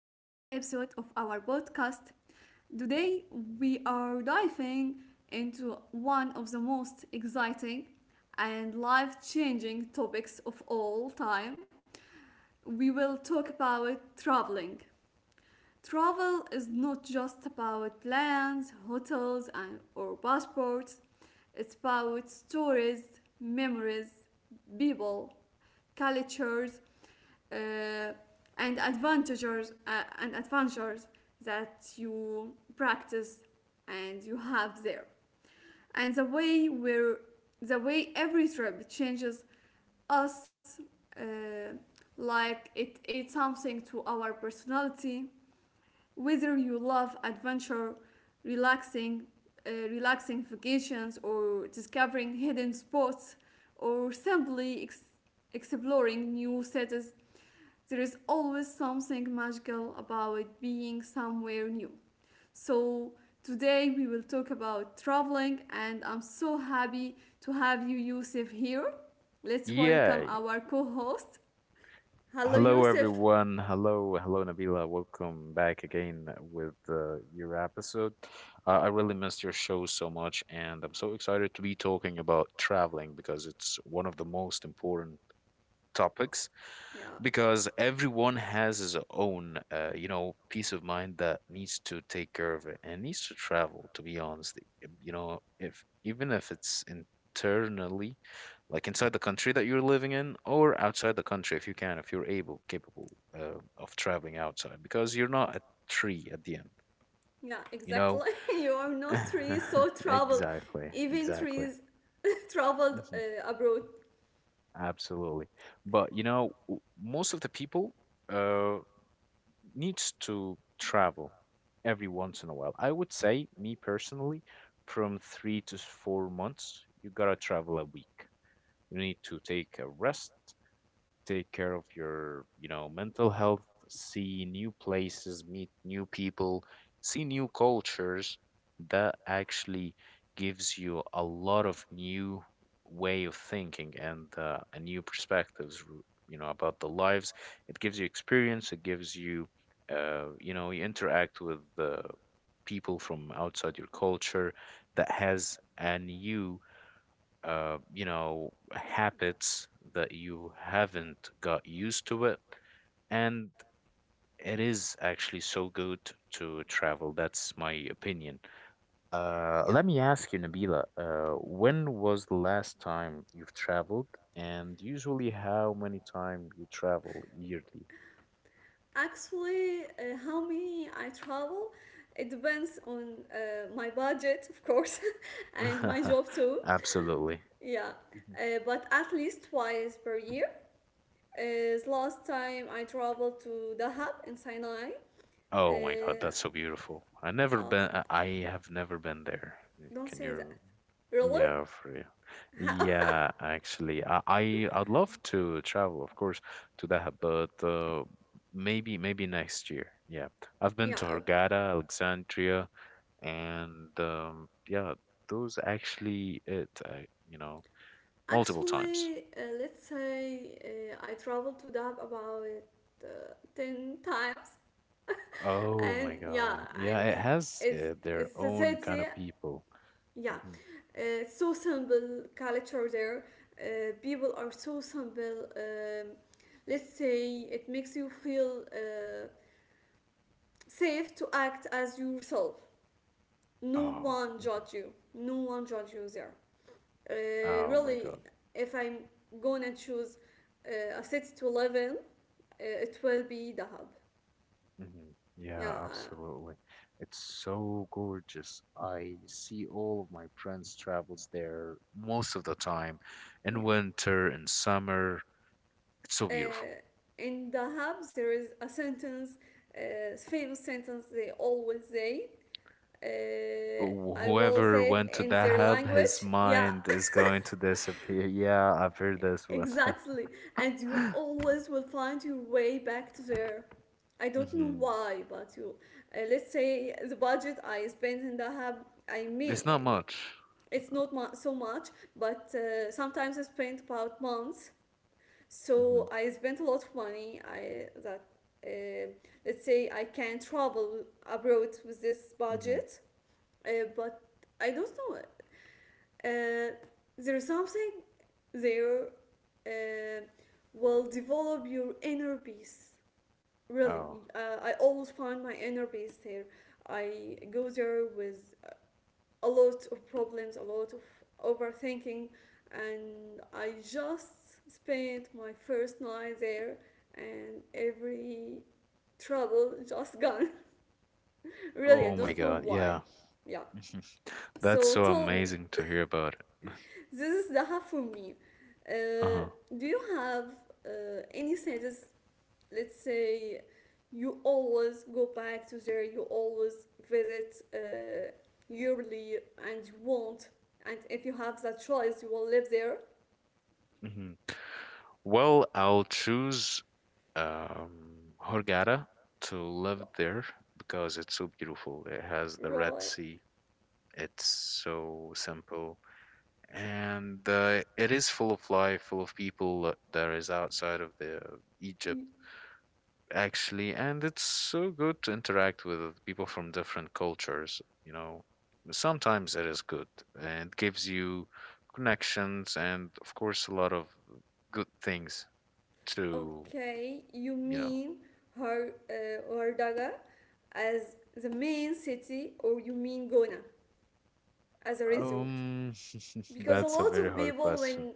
of our podcast. Today, we are diving into one of the most exciting and life changing topics of all time. We will talk about traveling. Travel is not just about plans, hotels, or passports, it's about stories, memories, people, cultures, uh, and adventures that you practice and you have there and the way every trip changes us, uh, like it adds something to our personality, whether you love adventure, relaxing, relaxing vacations, or discovering hidden spots, or simply exploring new cities. There is always something magical about being somewhere new. So, today we will talk about traveling, and I'm so happy to have you, Yusuf, here. Let's Yeah. welcome our co host. Hello, Hello, Yusuf. everyone. Hello, hello, Nabila. Welcome back again with your episode. I really missed your show so much, and I'm so excited to be talking about traveling because it's one of the most important topics Yeah, because everyone has his own peace of mind that needs to take care of it and needs to travel to be honest if even if it's internally like inside the country that you're living in or outside the country if you're able capable of traveling outside because you're not a tree at the end. yeah, You know. exactly. You are not trees, so travel. Exactly, Even exactly. trees traveled Mhm, abroad. absolutely. But most of the people uh needs to travel every once in a while. I would say, me personally, from 3 to 4 months, you gotta travel a week. You need to take a rest, take care of your mental health, see new places, meet new people, see new cultures. That actually gives you a lot of new way of thinking and a new perspectives about the lives. It gives you experience, it gives you you know you interact with the people from outside your culture that has a new habits that you haven't got used to it. And it is actually so good to travel. That's my opinion. Yeah. Let me ask you, Nabila, when was the last time you've traveled? And usually, how many time you travel yearly? Actually, how many I travel, it depends on my budget, of course, and my job too. Absolutely. Yeah, Mhm. But at least twice per year. As last time I traveled to Dahab in Sinai. Oh my God, Uh, that's so beautiful. I never oh, been. I have never been there. don't Can say that. you? Really? Yeah, for real. How? Yeah, actually, I'd love to travel, of course, to Dahab, but maybe next year. Yeah, I've Yeah. been to Hurghada, Alexandria, and yeah, those actually it. Multiple times. Actually, let's say I traveled to Dahab about 10 times, Oh and my yeah, God. Yeah, it and has it's their it's a own kind city, of people. yeah. Hmm. Uh, so simple culture there. Uh, people are so simple. Um, let's say it makes you feel safe to act as yourself. No Oh, one mhm. judge you, no one judge you there, Oh my really. God. If I'm gonna choose a city to live in, it will be Dahab. Hmm. Yeah, Yeah, absolutely. It's so gorgeous. I see all of my friends travels there most of the time, in yeah. winter and summer. It's so Uh, beautiful. in Dahab there is a sentence, famous sentence they always say. Uh, I will Whoever say it went to in that their hub, language. his Yeah, mind is going to disappear. Yeah, I've heard this one. exactly. And you always will find your way back to there. I don't know Hmm. why, but you, let's say the budget I spent and I have, I It's mean, not much. it's not so much, but sometimes I spent about months. Hmm. So I spent a lot of money. I that, uh, let's say I can travel abroad with this Hmm. budget, but I don't know. Uh, there is something there uh, will develop your inner peace. Really, Oh. I always find my inner peace there. I go there with a lot of problems, a lot of overthinking, and I just spent my first night there, and every trouble just gone. Really, I Oh my don't know God. why. Yeah. Yeah. That's So so tell me, amazing to hear about it. this is Zaha from me. Uh, Uh-huh. do you have any sentences? Let's say you always go back to there, you always visit yearly, and you want, and if you have that choice, you will live there. Hmm. Well, I'll choose Hurghada to live there because it's so beautiful. It has the Red Right. Sea. It's so simple, and it is full of life, full of people that is outside of the Egypt actually, and it's so good to interact with people from different cultures. You know, sometimes it is good and gives you connections and, of course, a lot of good things to, Okay, you you know? mean Hardaga as the main city, or you mean Gona as a resort? Um, Because a that's a lot very of hard people, question. when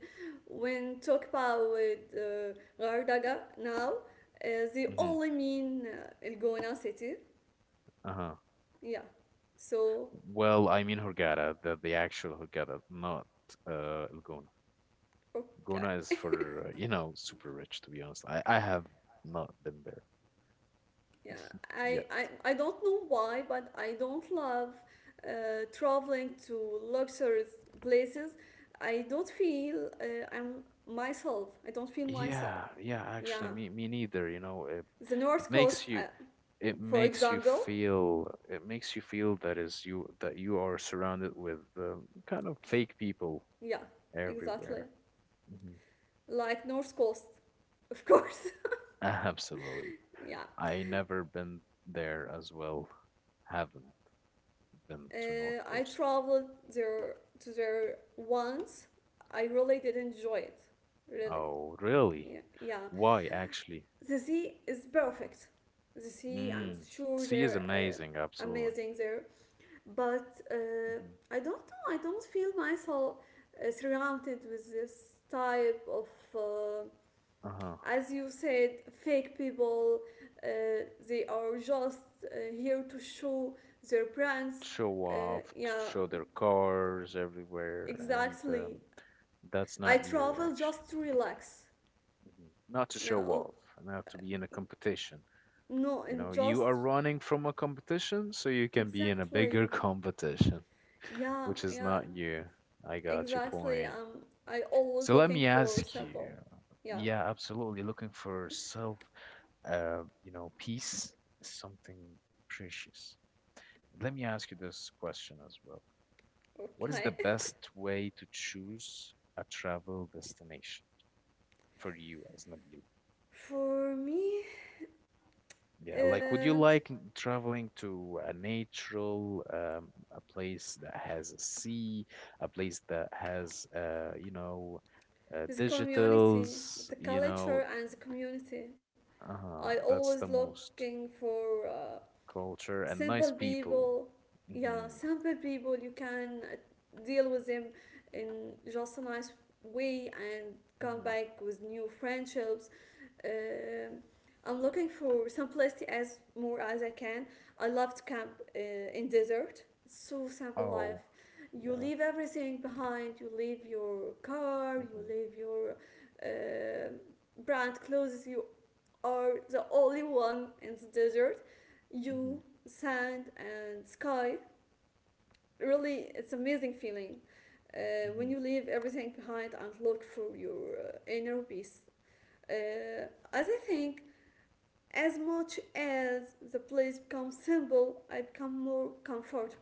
talk about Gardaga now, uh, they Hmm. only mean Elgona city, Uh-huh. yeah. So Well, I mean Hurghada, the actual Hurghada, not El Gona. Gona is okay, for, super rich, to be honest. I have not been there yeah. yet. I don't know why, but I don't love traveling to luxurious places. I don't feel I'm myself, I don't feel myself, Yeah, yeah, actually, yeah. me neither, you know. It The it north makes coast, you for example, feel that is you, that you are surrounded with kind of fake people yeah, exactly, everywhere. Hmm. like north coast. Of course. Absolutely. Yeah. I never been there as well. Haven't been to North I Coast. traveled there to there once. I really did enjoy it. Really. Oh, really? Yeah. Yeah. Why, actually? The sea is perfect. The sea and Mm. sure Sea is they're amazing, absolutely. amazing there, but Hmm. I don't know. I don't feel myself surrounded with this type of, uh, Uh-huh. as you said, fake people. Uh, they are just here to show their brands. Show Uh, off, to yeah, show their cars everywhere, and exactly. that's I not you, travel actually. just to relax, Mhm. Not to show yeah. off, not to be in a competition. No, You and know, just you are running from a competition, so you can be in a exactly, bigger competition, yeah, which is yeah, not you. I got your exactly. point. Um, I always So let looking me for ask you. sample, yeah. Yeah, absolutely. Looking for self, peace is something precious. Let me ask you this question as well. What is the Okay. best way to choose a travel destination for you as Nabil? For me, Yeah, like would you uh, like traveling to a natural, a place that has a sea, a place that has, the community, digitals, the culture and the community. I that's always the most. looking for Culture, and nice simple people. people. Yeah, Hmm. simple people. You can deal with them in just a nice way and come Mm-hmm. back with new friendships. Um I'm looking for simplicity as more as I can. I love to camp uh, in desert. So simple Oh, life. You yeah. leave everything behind. You leave your car. You Mm-hmm. leave your uh, brand clothes. You are the only one in the desert. Mm-hmm. You, sand, and sky. Really, it's amazing feeling Mm-hmm. when you leave everything behind and look for your inner peace. As I think, as much as the place becomes simple, I become more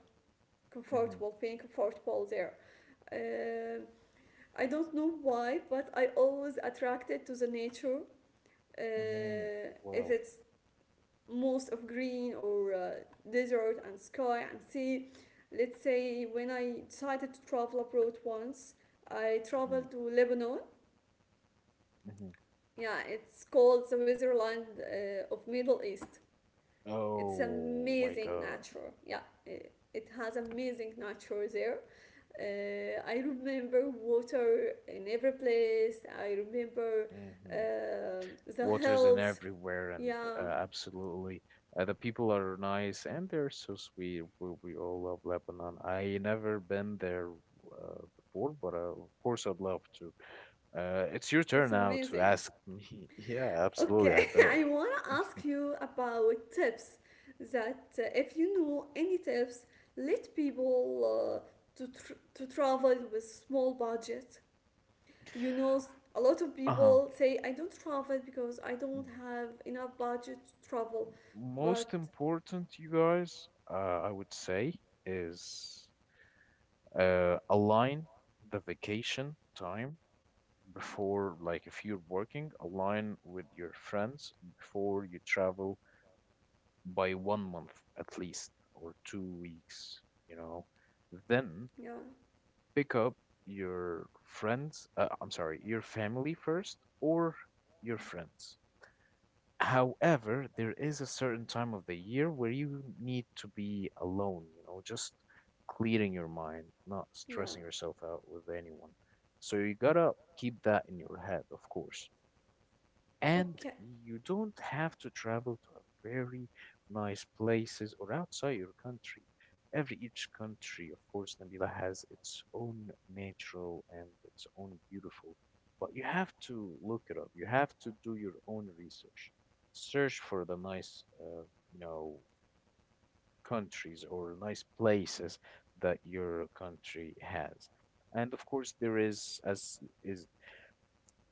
Mm-hmm. comfortable, feeling comfortable there. Uh, I don't know why, but I always attracted to the nature. Mm-hmm. If Wow. it's most of green or desert and sky and sea. Let's say when I decided to travel abroad once, I traveled to Lebanon. Mm-hmm. Yeah, it's called the Switzerland of Middle East. It's Oh my amazing God. nature. Yeah, it has amazing nature there. I remember water in every place. I remember Mm-hmm. The Waters in hills. everywhere, and Yeah, absolutely, the people are nice and they're so sweet. We all love Lebanon. I never been there before, but of course I'd love to. It's your turn it's now to amazing. ask me. Yeah, absolutely. Okay, I bet. I wanna ask you about tips. That, if you know any tips, let people, to to travel with small budget. You know, a lot of Uh-huh. people say I don't travel because I don't have enough budget to travel. But Most important, you guys, I would say, is align the vacation time before, like if you're working, align with your friends before you travel by 1 month at least or two weeks, you know. Then yeah, pick up your friends, I'm sorry, your family first or your friends. However, there is a certain time of the year where you need to be alone, just clearing your mind, not yeah, stressing yourself out with anyone. So you gotta keep that in your head, of course, and okay, you don't have to travel to a very nice places or outside your country. Every each country, of course, Nabila has its own natural and its own beautiful, but you have to look it up. You have to do your own research. Search for the nice, you know, countries or nice places that your country has. And of course, there is, is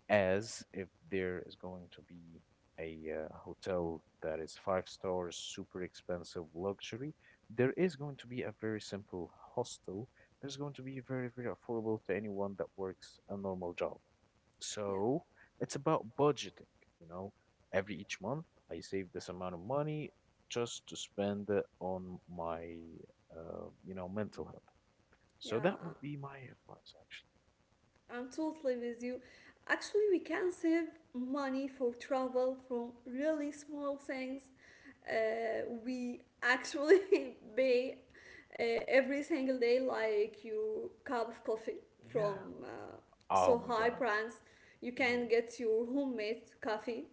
as if there is going to be a hotel that is five stars, super expensive luxury, there is going to be a very simple hostel. There's going to be very, very affordable to anyone that works a normal job. yeah, So it's about budgeting, you know, every each month I save this amount of money just to spend it on my, mental health. So yeah. that would be my advice, actually. I'm totally with you. Actually, we can save money for travel from really small things. We actually pay uh, every single day, like your cup of coffee Yeah. from, uh, Oh so my high God. brands. You Hmm. can get your homemade coffee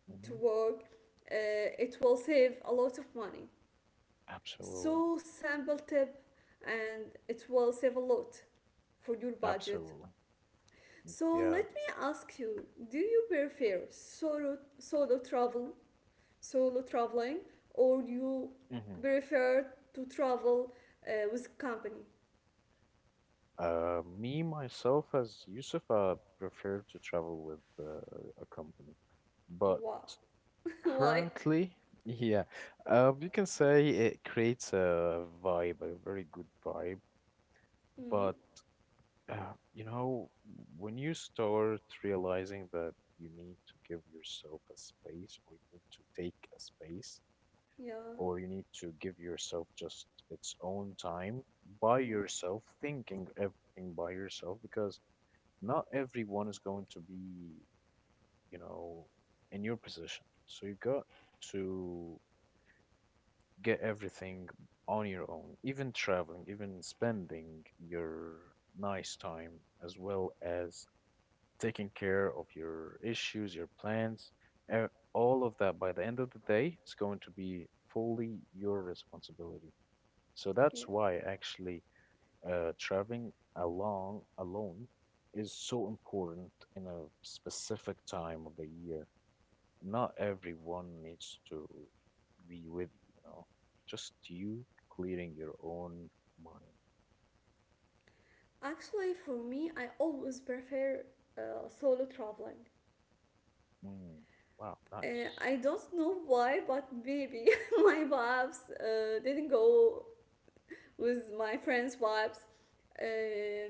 Hmm. to work. It will save a lot of money. Absolutely. So simple tip, and it will save a lot for your budget. Absolutely. So Yeah. let me ask you, do you prefer solo traveling, or you Hmm. prefer to travel with company? Me, myself, as Yusuf, I prefer to travel with a company. But Why? Why? currently, yeah, you can say it creates a vibe, a very good vibe. Mm, But, uh, you know, when you start realizing that you need to give yourself a space or you need to take a space, yeah, or you need to give yourself just its own time by yourself, thinking everything by yourself, because not everyone is going to be, you know, in your position. So you got to get everything on your own, even traveling, even spending your nice time, as well as taking care of your issues, your plans, e- all of that by the end of the day, it's going to be fully your responsibility. So that's yeah. why actually traveling along alone is so important in a specific time of the year. Not everyone needs to be with you, just you clearing your own mind. Actually, for me, I always prefer solo traveling. Mm, wow, nice. I don't know why, but maybe my vibes didn't go with my friends' vibes. Um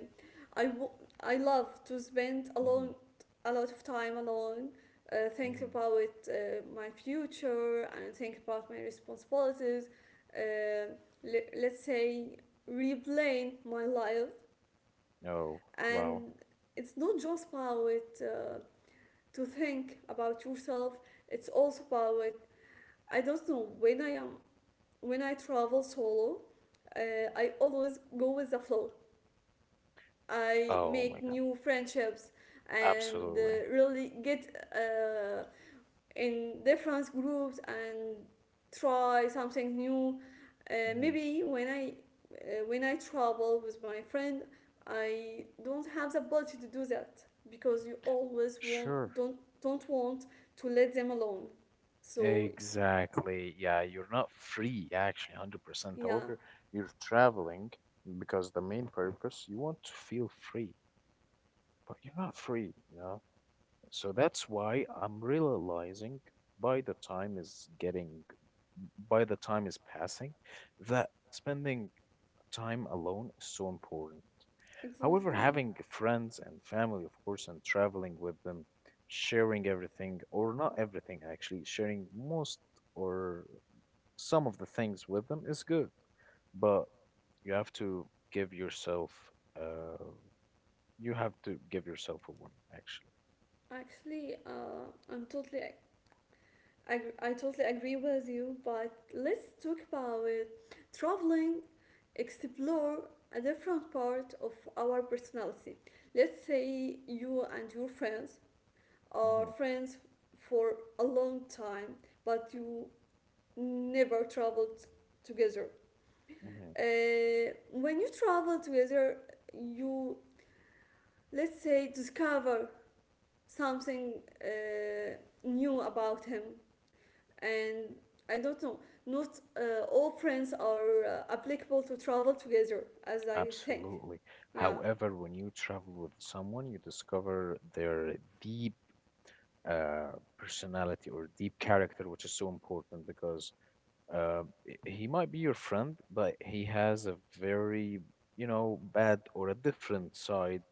I, w- I love to spend Mm-hmm, a lot of time alone, think mm-hmm. about my future and think about my responsibilities. Uh, let's say replaying my life, Oh, wow. and it's not just about, uh, to think about yourself. It's also about, I don't know, when I travel solo. I always go with the flow. I Oh make my God. new friendships and Absolutely. Really get uh, in different groups and try something new. Hmm. Maybe when I, when I travel with my friend, I don't have the ability to do that because you always want Sure. Don't want to let them alone. So Exactly. Yeah, you're not free actually 100%. yeah, However, you're traveling because the main purpose you want to feel free, but you're not free, you know? So that's why I'm realizing by the time is getting by the time is passing that spending time alone is so important. However, exactly. having friends and family, of course, and traveling with them, sharing everything or not everything actually, sharing most or some of the things with them is good, but you have to give yourself uh a one actually. Actually, I totally agree with you, but let's talk about traveling, explore a different part of our personality. Let's say you and your friends are Hmm. friends for a long time, but you never traveled together. Hmm. When you travel together, you, let's say, discover something uh, new about him, and I don't know, not all friends are applicable to travel together, as I think. Absolutely. Yeah, However, when you travel with someone, you discover their deep personality or deep character, which is so important because he might be your friend, but he has a very, bad or a different side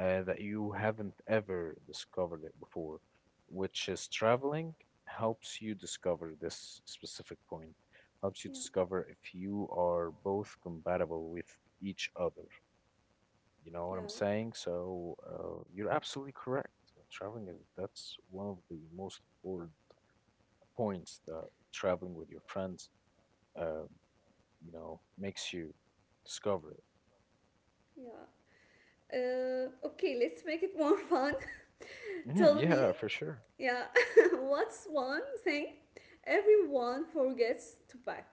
that you haven't ever discovered it before, which is traveling helps you discover this specific point, helps you yeah, discover if you are both compatible with each other. You know yeah, what I'm saying? So you're absolutely correct. Traveling is that's one of the most important points that traveling with your friends, uh, makes you discover it. yeah. Okay, let's make it more fun. Tell Mhm, me, yeah, for sure. yeah, what's one thing everyone forgets to pack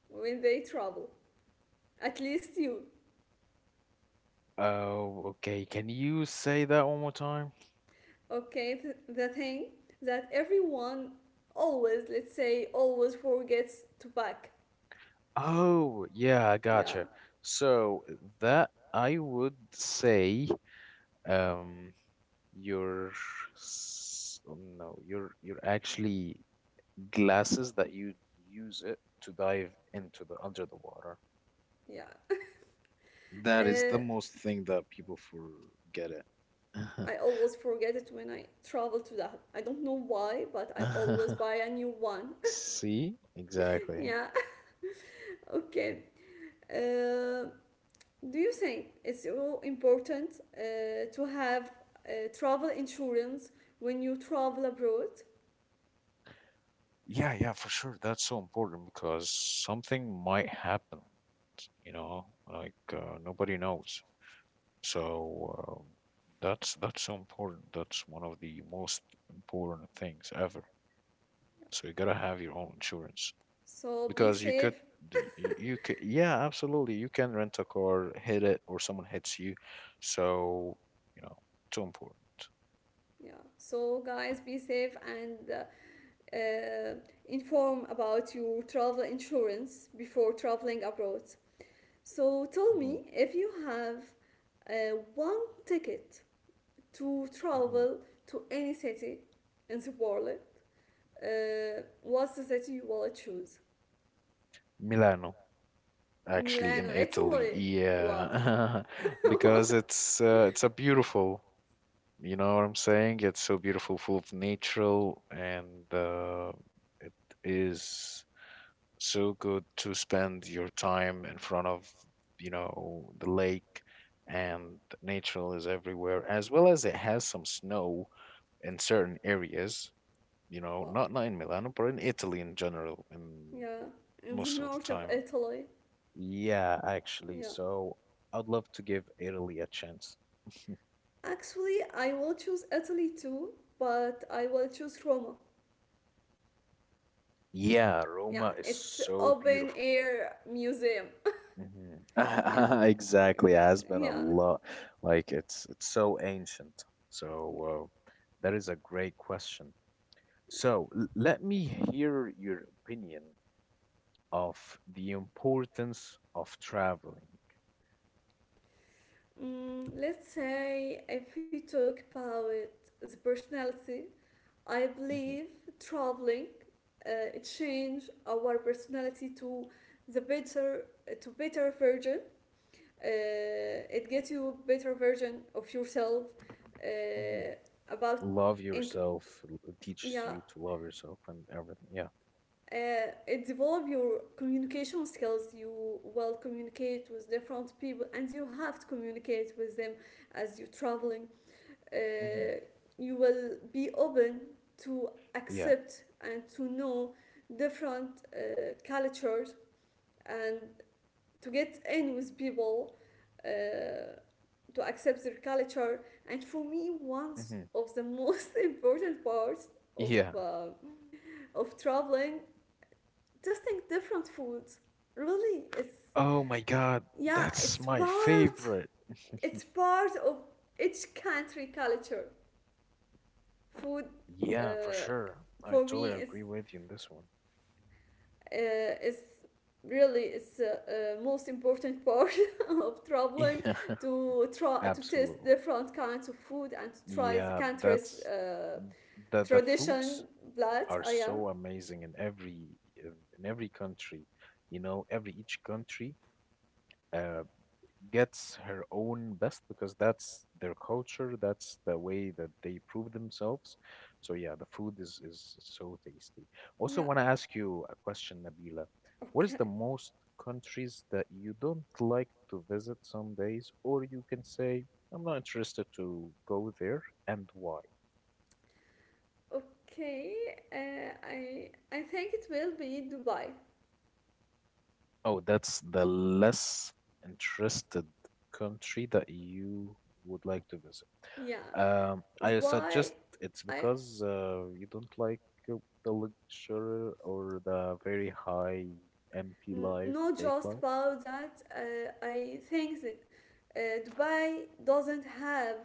when they travel? At least you. Oh, okay. Can you say that one more time? Okay, the thing that everyone always, let's say, always forgets to pack. Oh, yeah, I Yeah, gotcha. So that I would say, um, your oh, no, your actually glasses that you use it to dive into the under the water. yeah. That is the Uh, most thing that people forget it. I always forget it when I travel to Dahab. I don't know why, but I Uh-huh. always buy a new one. See? Exactly. Yeah, okay. Uh, do you think it's so important to have travel insurance when you travel abroad? Yeah, yeah, for sure. That's so important because something might happen, you know, like nobody knows. So that's so important. That's one of the most important things ever. So you gotta have your own insurance So be because you could safe. d- y- you could yeah, absolutely, you can rent a car, hit it or someone hits you, so you know too important. Yeah, so guys, be safe and, uh, inform about your travel insurance before traveling abroad. So tell Hmm. me, if you have one ticket to Hmm. travel to any city in the world, what's the city you will choose? Milano actually Milano, in Italy, Italy. Wow. yeah, because it's a beautiful. You know what I'm saying? It's so beautiful, full of natural, and it is so good to spend your time in front of, the lake, and natural is everywhere, as well as it has some snow in certain areas, you know, Wow. not in Milano, but in Italy in general, in Yeah, in the most of the north of time. Italy. Yeah, actually. Yeah. So I'd love to give Italy a chance. Actually, I will choose Italy too, but I will choose Roma. Yeah, Yeah, Roma is it's so open beautiful. air museum. Mhm. Exactly. Has been Yeah. a Yeah. lot. Like it's so ancient. So uh, that is a great question. So let me hear your opinion of the importance of traveling. Mm, let's say, if we talk about the personality, I Hmm believe traveling change our personality to the better to better version. It gets you a better version of yourself. hmm Uh, about Love in, yourself. It teaches yeah, you to love yourself and everything. Yeah. It develop your communication skills. You will communicate with different people, and you have to communicate with them as you're traveling. hmm Uh, you will be open to Yeah. accept and to know different cultures, and to get in with people, uh, to accept their culture. And for me, one hmm of the most important parts of Yeah. uh, of traveling, testing different foods. Really, it's, Oh my god, yeah, that's my favorite. it's part of each country culture, food. Yeah, for Uh, sure. I for me, totally agree with you in this one. uh, is really is most important part of traveling, Yeah, to try to taste absolutely. different kinds of food and to try the Yeah, country's that's mm, the foods tradition, blood. are Oh, yeah, so amazing in every country. You know, every each country. uh Gets her own best because that's their culture, that's the way that they prove themselves. So yeah, the food is so tasty. Also, yeah, want to ask you a question, Nabila. What is the okay, most countries that you don't like to visit some days, or you can say, I'm not interested to go there, and why? okay, I think it will be Dubai. Oh, that's the less interested country that you would like to visit. Yeah, I suggest why? it's i because you don't like uh, the luxury or the very high empty life, Not fake just life. about that, I think that, Dubai doesn't have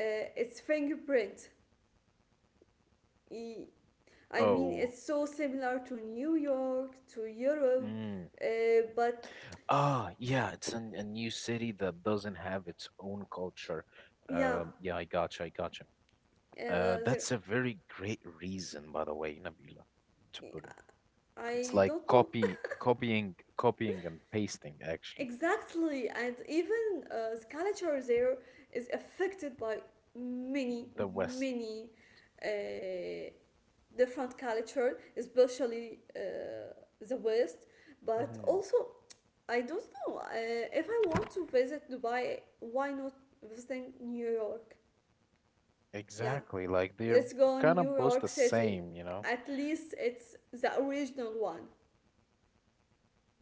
its fingerprint. E- I mean, Oh, it's so similar to New York, to Europe, mm. uh, but Ah, yeah, it's a new city that doesn't have its own culture. yeah, Yeah, I gotcha, I gotcha. Uh, uh, there, that's a very great reason, by the way, Nabila, to put it. It's I like don't know copying and pasting actually exactly. And even the culture there is affected by many, the West. many uh, different culture, especially the West. But Hmm also, I don't know if I want to visit Dubai. Why not visiting New York? Yeah, Exactly. Like they're let's go kind of New both the York City. same, you know. At least it's the original one.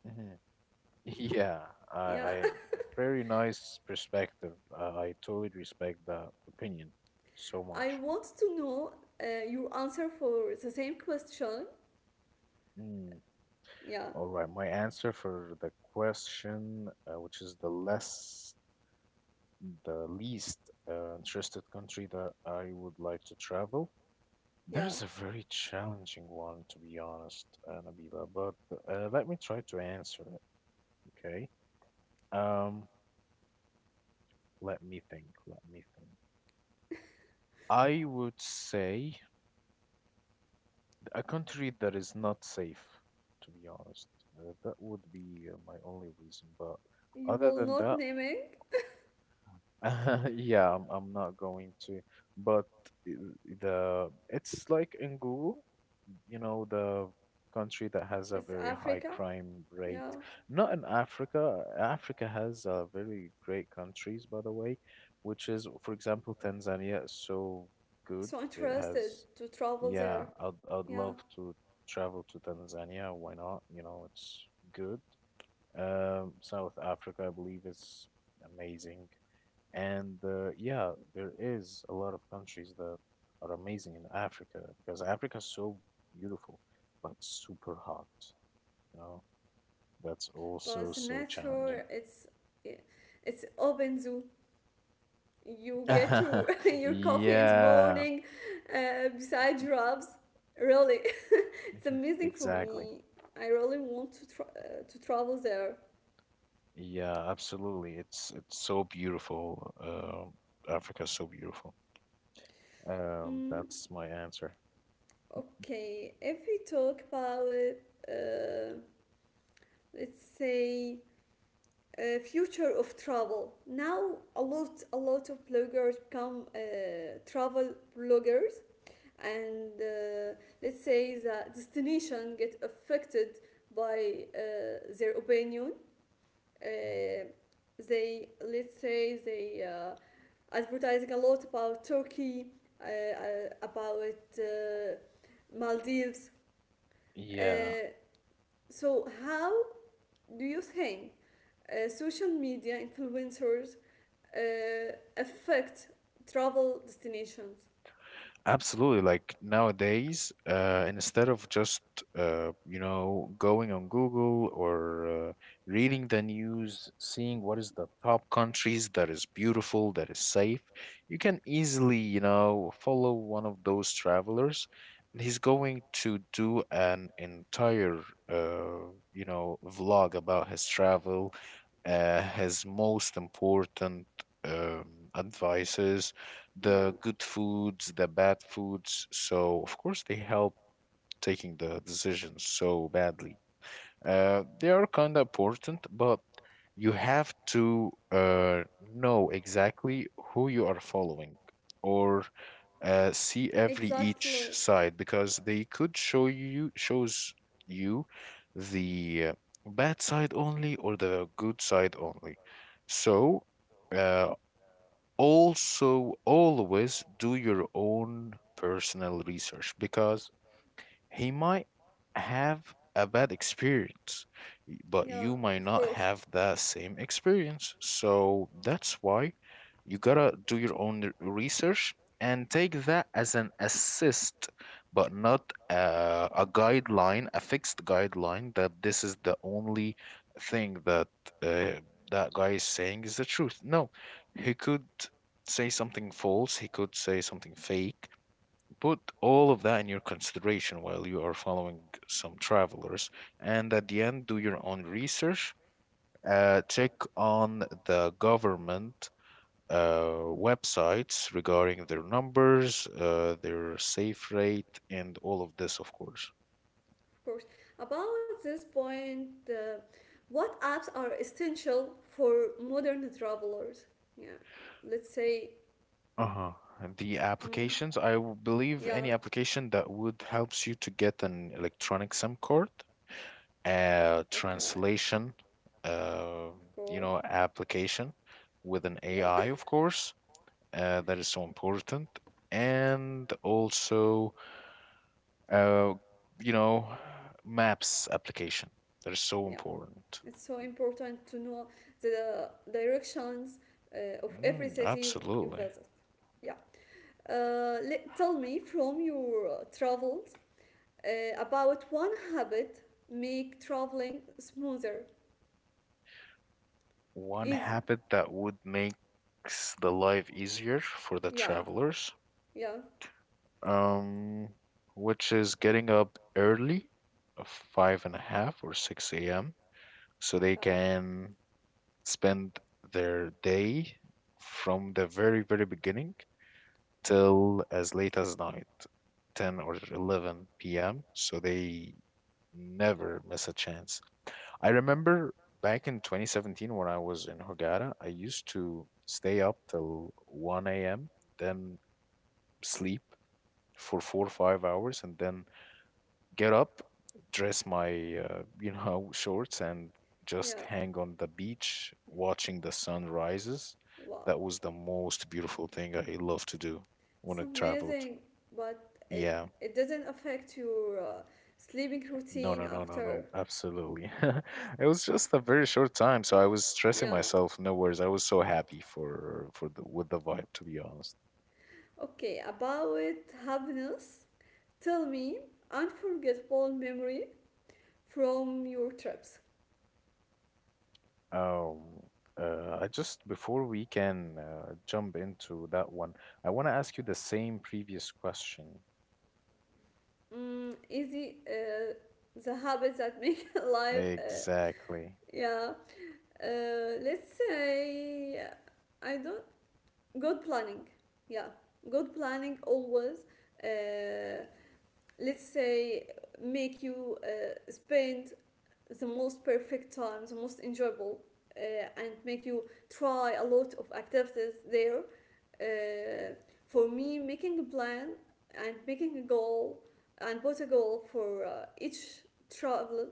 Hmm Yeah, I, Yeah, I Very nice perspective. I totally respect that opinion so I much. want to know your answer for the same question. Mm. Yeah, All right, my answer for the question, which is the least interested country that I would like to travel. There yeah. is a very challenging one, to be honest, Nabila, but let me try to answer it, okay? Um, Let me think, let me think. I would say a country that is not safe, to be honest. That would be my only reason, but You other will than not that, naming. yeah, I'm not going to. But I- the it's like in Google. You know, the country that has a It's very high Africa. crime Yeah, rate. Not in Africa. Africa has very great countries, by the way, which is, for example, Tanzania is so good. so It interested has, to travel yeah, there. I'd Yeah. love to travel to Tanzania. Why not? You know, it's good. South Africa, I believe, is amazing. And yeah, there is a lot of countries that are amazing in Africa because Africa is so beautiful, but super hot. You know, that's But also so nature, challenging. it's open zoo. You get your your coffee in the Yeah, morning beside your apps. Really, it's Mhm. amazing for Exactly. me. I really want to to travel there. Yeah, absolutely. It's so beautiful. Africa is so beautiful. Mm, That's my answer. okay, if we talk about uh, let's say future of travel now a lot of bloggers become travel bloggers and let's say the destination get affected by their opinion. Uh, Mhm. they let's say they advertising a lot about Turkey, uh, uh, about Maldives. Yeah, Uh, so how do you think social media influencers uh, affect travel destinations? absolutely. Like nowadays, instead of just going on Google or reading the news, seeing what is the top countries that is beautiful, that is safe, you can easily follow one of those travelers, and he's going to do an entire vlog about his travel, his most important um, advices Yeah. the good foods, the bad foods. So, of course, they help taking the decisions so badly. They are kind of important, but you have to know exactly who you are following or see every each Exactly. side because they could show you shows you the bad side only or the good side only. So, uh, also always do your own personal research because he might have a bad experience, but Yeah, you might of not course. have that same experience. So that's why you gotta do your own research and take that as an assist, but not a guideline, a fixed guideline that this is the only thing that uh, that guy is saying is the truth. No, he could say something false, he could say something fake put all of that in your consideration while you are following some travelers. And at the end, do your own research. Check on the government uh, websites regarding their numbers, their safe rate, and all of this, of course. Of course. About this point, what apps are essential for modern travelers? Yeah, let's say, Uh-huh. And the mm, applications, I believe yeah, any application that would helps you to get an electronic SIM card. A okay, translation, uh, of course, application with an yeah, AI, of course. That is so important. And also, uh, you know, maps application. That is so yeah. important. It's so important to know the directions of every Mm, you absolutely. visit. Yeah. Tell me from your travels about one habit make traveling smoother, One easy. habit that would makes the life easier for the Yeah, travelers, yeah. um, which is getting up early, five and a half or 6 a.m. so they Okay. can spend their day from the very, very beginning till as late as night, 10 or 11 p.m. So they never miss a chance. I remember back in 2017 when I was in Hurghada, I used to stay up till 1 a.m., then sleep for 4 or 5 hours, and then get up, dress my, shorts and just Yeah. hang on the beach watching the sun rises. Wow. That was the most beautiful thing I love to do when It's I traveled. amazing, but it Yeah. it doesn't affect your sleeping No, routine no, no, no, after. no. Absolutely. It was just a very short time, so I was stressing Yeah. myself. No worries. I was so happy for the with the vibe, to be honest. Okay, about happiness, tell me unforgettable memory from your trips. Um, I just before we can jump into that one, I want to ask you the same previous question. Mm, is it the habits that make life? Exactly. Yeah, let's say I don't good planning. Yeah, good planning always. Uh, let's say make you spend the most perfect time, the most enjoyable, and make you try a lot of activities there. Uh, for me, making a plan and making a goal and put a goal for each travel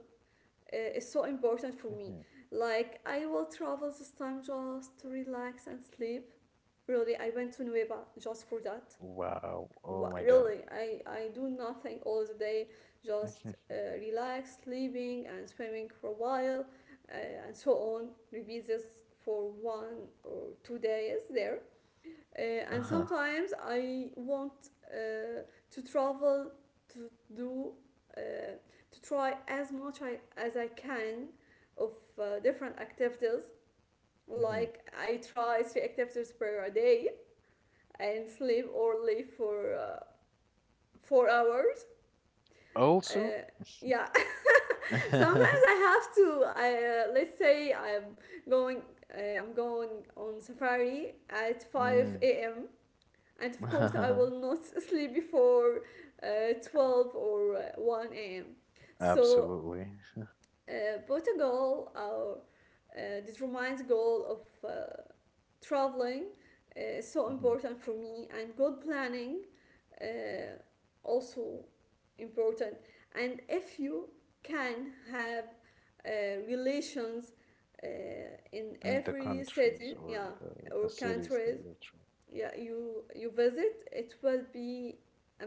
is so important for me. hmm Like I will travel this time just to relax and sleep. Really, I went to Nueva just for that. Wow. Oh What, my God. really, I do nothing all the day, just Mhm. Relax, sleeping and swimming for a while, and so on. Repeat this for 1 or 2 days there. Uh, and Uh-huh. sometimes I want to travel to do uh, to try as much as I can of different activities. hmm Like I try 3 activities per day and sleep or leave for 4 hours Also, uh, yeah. sometimes I have to I, let's say going I'm going on safari at 5 mm. a.m. And of course I will not sleep before 12 or 1 a.m. So Absolutely. Put a goal or determine the goal of traveling is so Hmm important for me, and good planning uh, also important. And if you can have relations uh, in In the every city, countries yeah, or or the cities countries, that you're traveling. yeah, you visit, it will be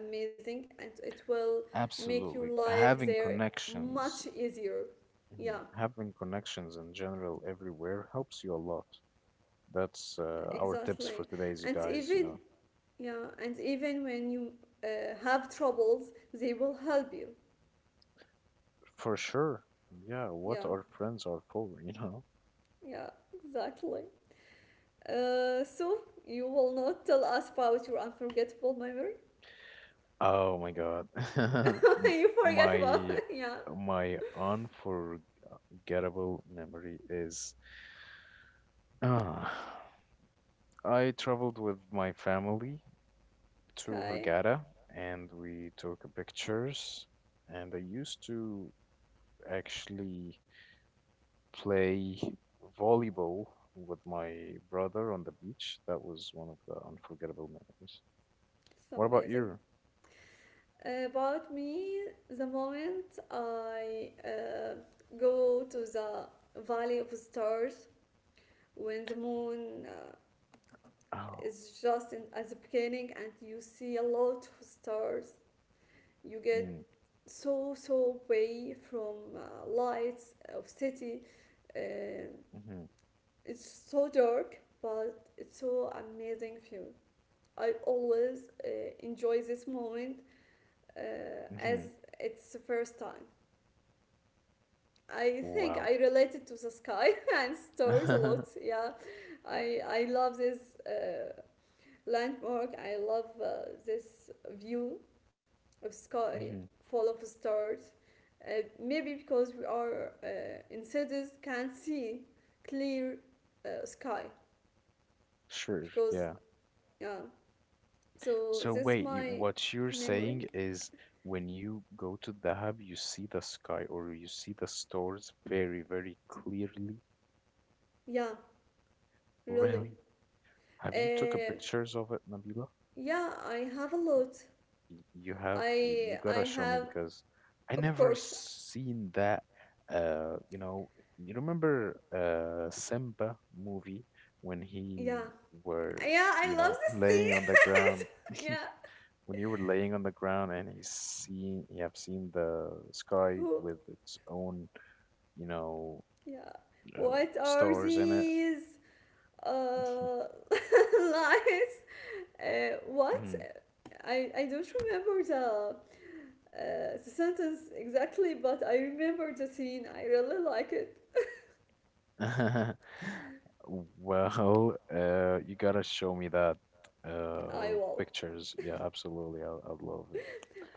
amazing, and it will make your Absolutely. life Having there connections, much easier. Yeah, Mhm. Having connections in general everywhere helps you a lot. That's our tips exactly. for today's, you And guys, even you know. yeah, and even when you have troubles, they will help you. For sure. Yeah, what Yeah, our friends are for, you know. yeah, exactly. So you will not tell us about your unforgettable memory. Oh my God. M- you forget about My yeah. my unforgettable memory is uh, I traveled with my family to Okay, Hurghada and we took pictures and I used to actually play volleyball with my brother on the beach. That was one of the unforgettable memories. it's What about amazing. you? About me, the moment I go to the Valley of Stars when the moon Oh. is just in, at the beginning, and you see a lot of stars, you Mm, get so so way from lights of city. Um, hmm it's so dark, but it's so amazing view. I always enjoy this moment as hmm it's the first time. I think wow. I related to the sky and stars a hmm lot. Yeah, I love this uh, landmark. I love this view of sky full of stars. Maybe because we are in cities can't see clear sky Sure, because yeah. yeah. So So this is wait, my what you're memory. saying is when you go to the hub, you see the sky or you see the stars very, very clearly. Yeah, really. Really? Have you took a Uh, pictures of it, Nabila? yeah, I have a lot. You have, you I gotta show me have because I Of never course. seen that. You know, you remember Simba movie when Yeah, were, yeah. you I love know, the laying on the ground. sea. yeah. When you were laying on the ground and he's seen you have seen the sky Who? with its own you know Yeah. uh, What are stars in it. these uh, lights? What? Mhm. I don't remember the sentence exactly, but I remember the scene. I really like it. Well you gotta show me that I will. pictures yeah absolutely I love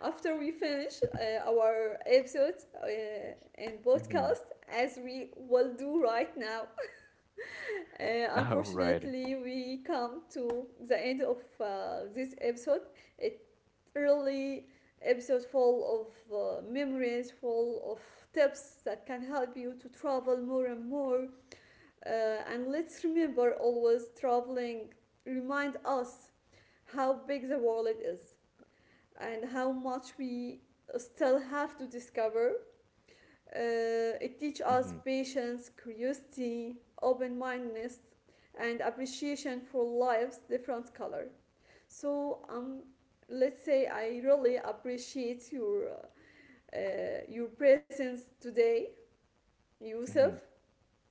After we finish our episode uh, and it. Mm-hmm. podcast, as we will do right now, Alrighty. unfortunately, we come to the end of this episode. It really episode full of memories, full of tips that can help you to travel more and more. And let's remember always traveling remind us how big the world is and how much we still have to discover. Uh, it teaches us Mm-hmm. patience, curiosity, open-mindedness, and appreciation for life's different color. So let's say I really appreciate your presence today, Yusuf. Mm-hmm.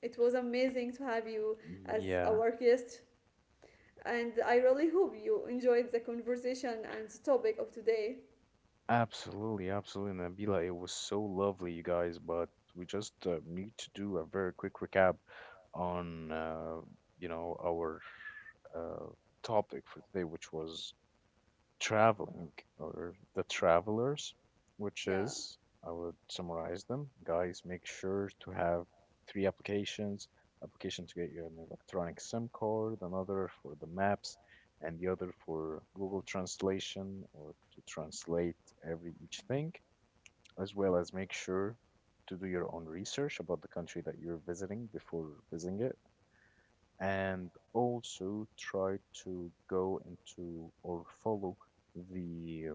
It was amazing to have you as Yeah. our guest. And I really hope you enjoyed the conversation and the topic of today. Absolutely, absolutely, Nabila. It was so lovely, you guys, but we just need to do a very quick recap on our uh, topic for today, which was traveling or the travelers, which Yeah, is I would summarize them. Guys, make sure to have 3 applications: application to get you an electronic SIM card, another for the maps, and the other for Google Translation or to translate every each thing as well as make sure to do your own research about the country that you're visiting before visiting it, and also try to go into or follow the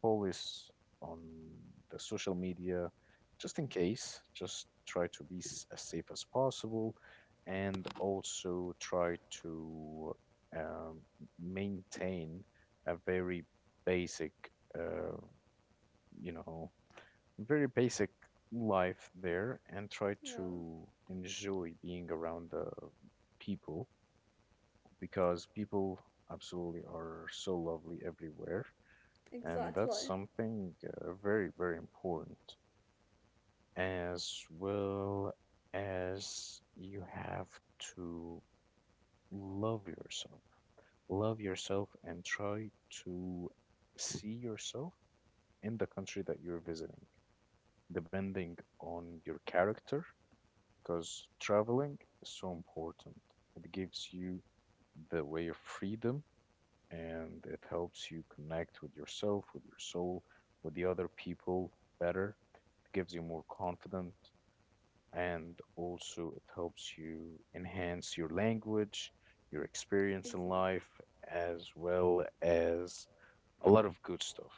police on the social media just in case. Just try to be as safe as possible, and also try to um, maintain a very basic, uh, you know very basic life there and try yeah, to enjoy being around the people because people absolutely are so lovely everywhere and that's exactly, something very very important as well as you have to love yourself love yourself and try to see yourself in the country that you're visiting depending on your character because traveling is so important. It gives you the way of freedom and it helps you connect with yourself, with your soul, with the other people better. It gives you more confidence and also it helps you enhance your language, your experience in exactly. life, as well as a lot of good stuff.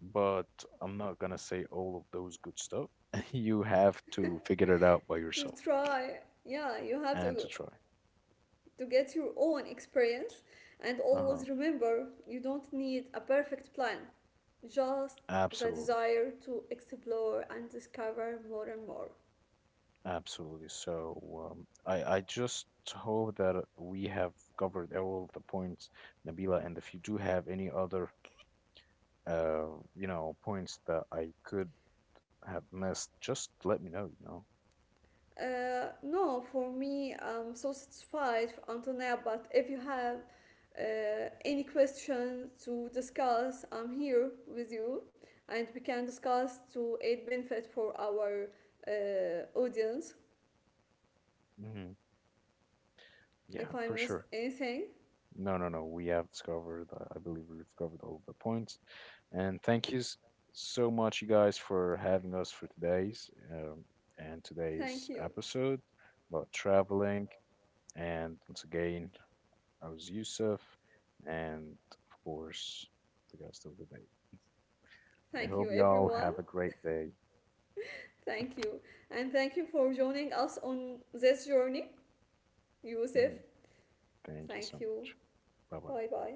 But I'm not gonna say all of those good stuff. You have to figure it out by To yourself try, yeah, you have and to try. to get your own experience, and Uh-huh. always remember you don't need a perfect plan, just the Absolutely. desire to explore and discover more and more. Absolutely. So I just hope that we have covered all of the points, Nabila. And if you do have any other, uh, you know, points that I could have missed, just let me know, you know. No, for me, I'm so satisfied, until now. But if you have any question to discuss, I'm here with you, and we can discuss to aid benefit for our audience. Hmm If Yeah, I for missed sure. anything, No, no, no. We have discovered, I believe we've covered all of the points. And thank you so much, you guys, for having us for today's and thank today's you, episode about traveling. And once again, I was Yusuf, and of course, the guest of the day. I thank you, hope y'all everyone, have a great day. thank you, and thank you for joining us on this journey, Yusuf. Mhm. Thank you Thank so you. much. Bye bye. Bye bye.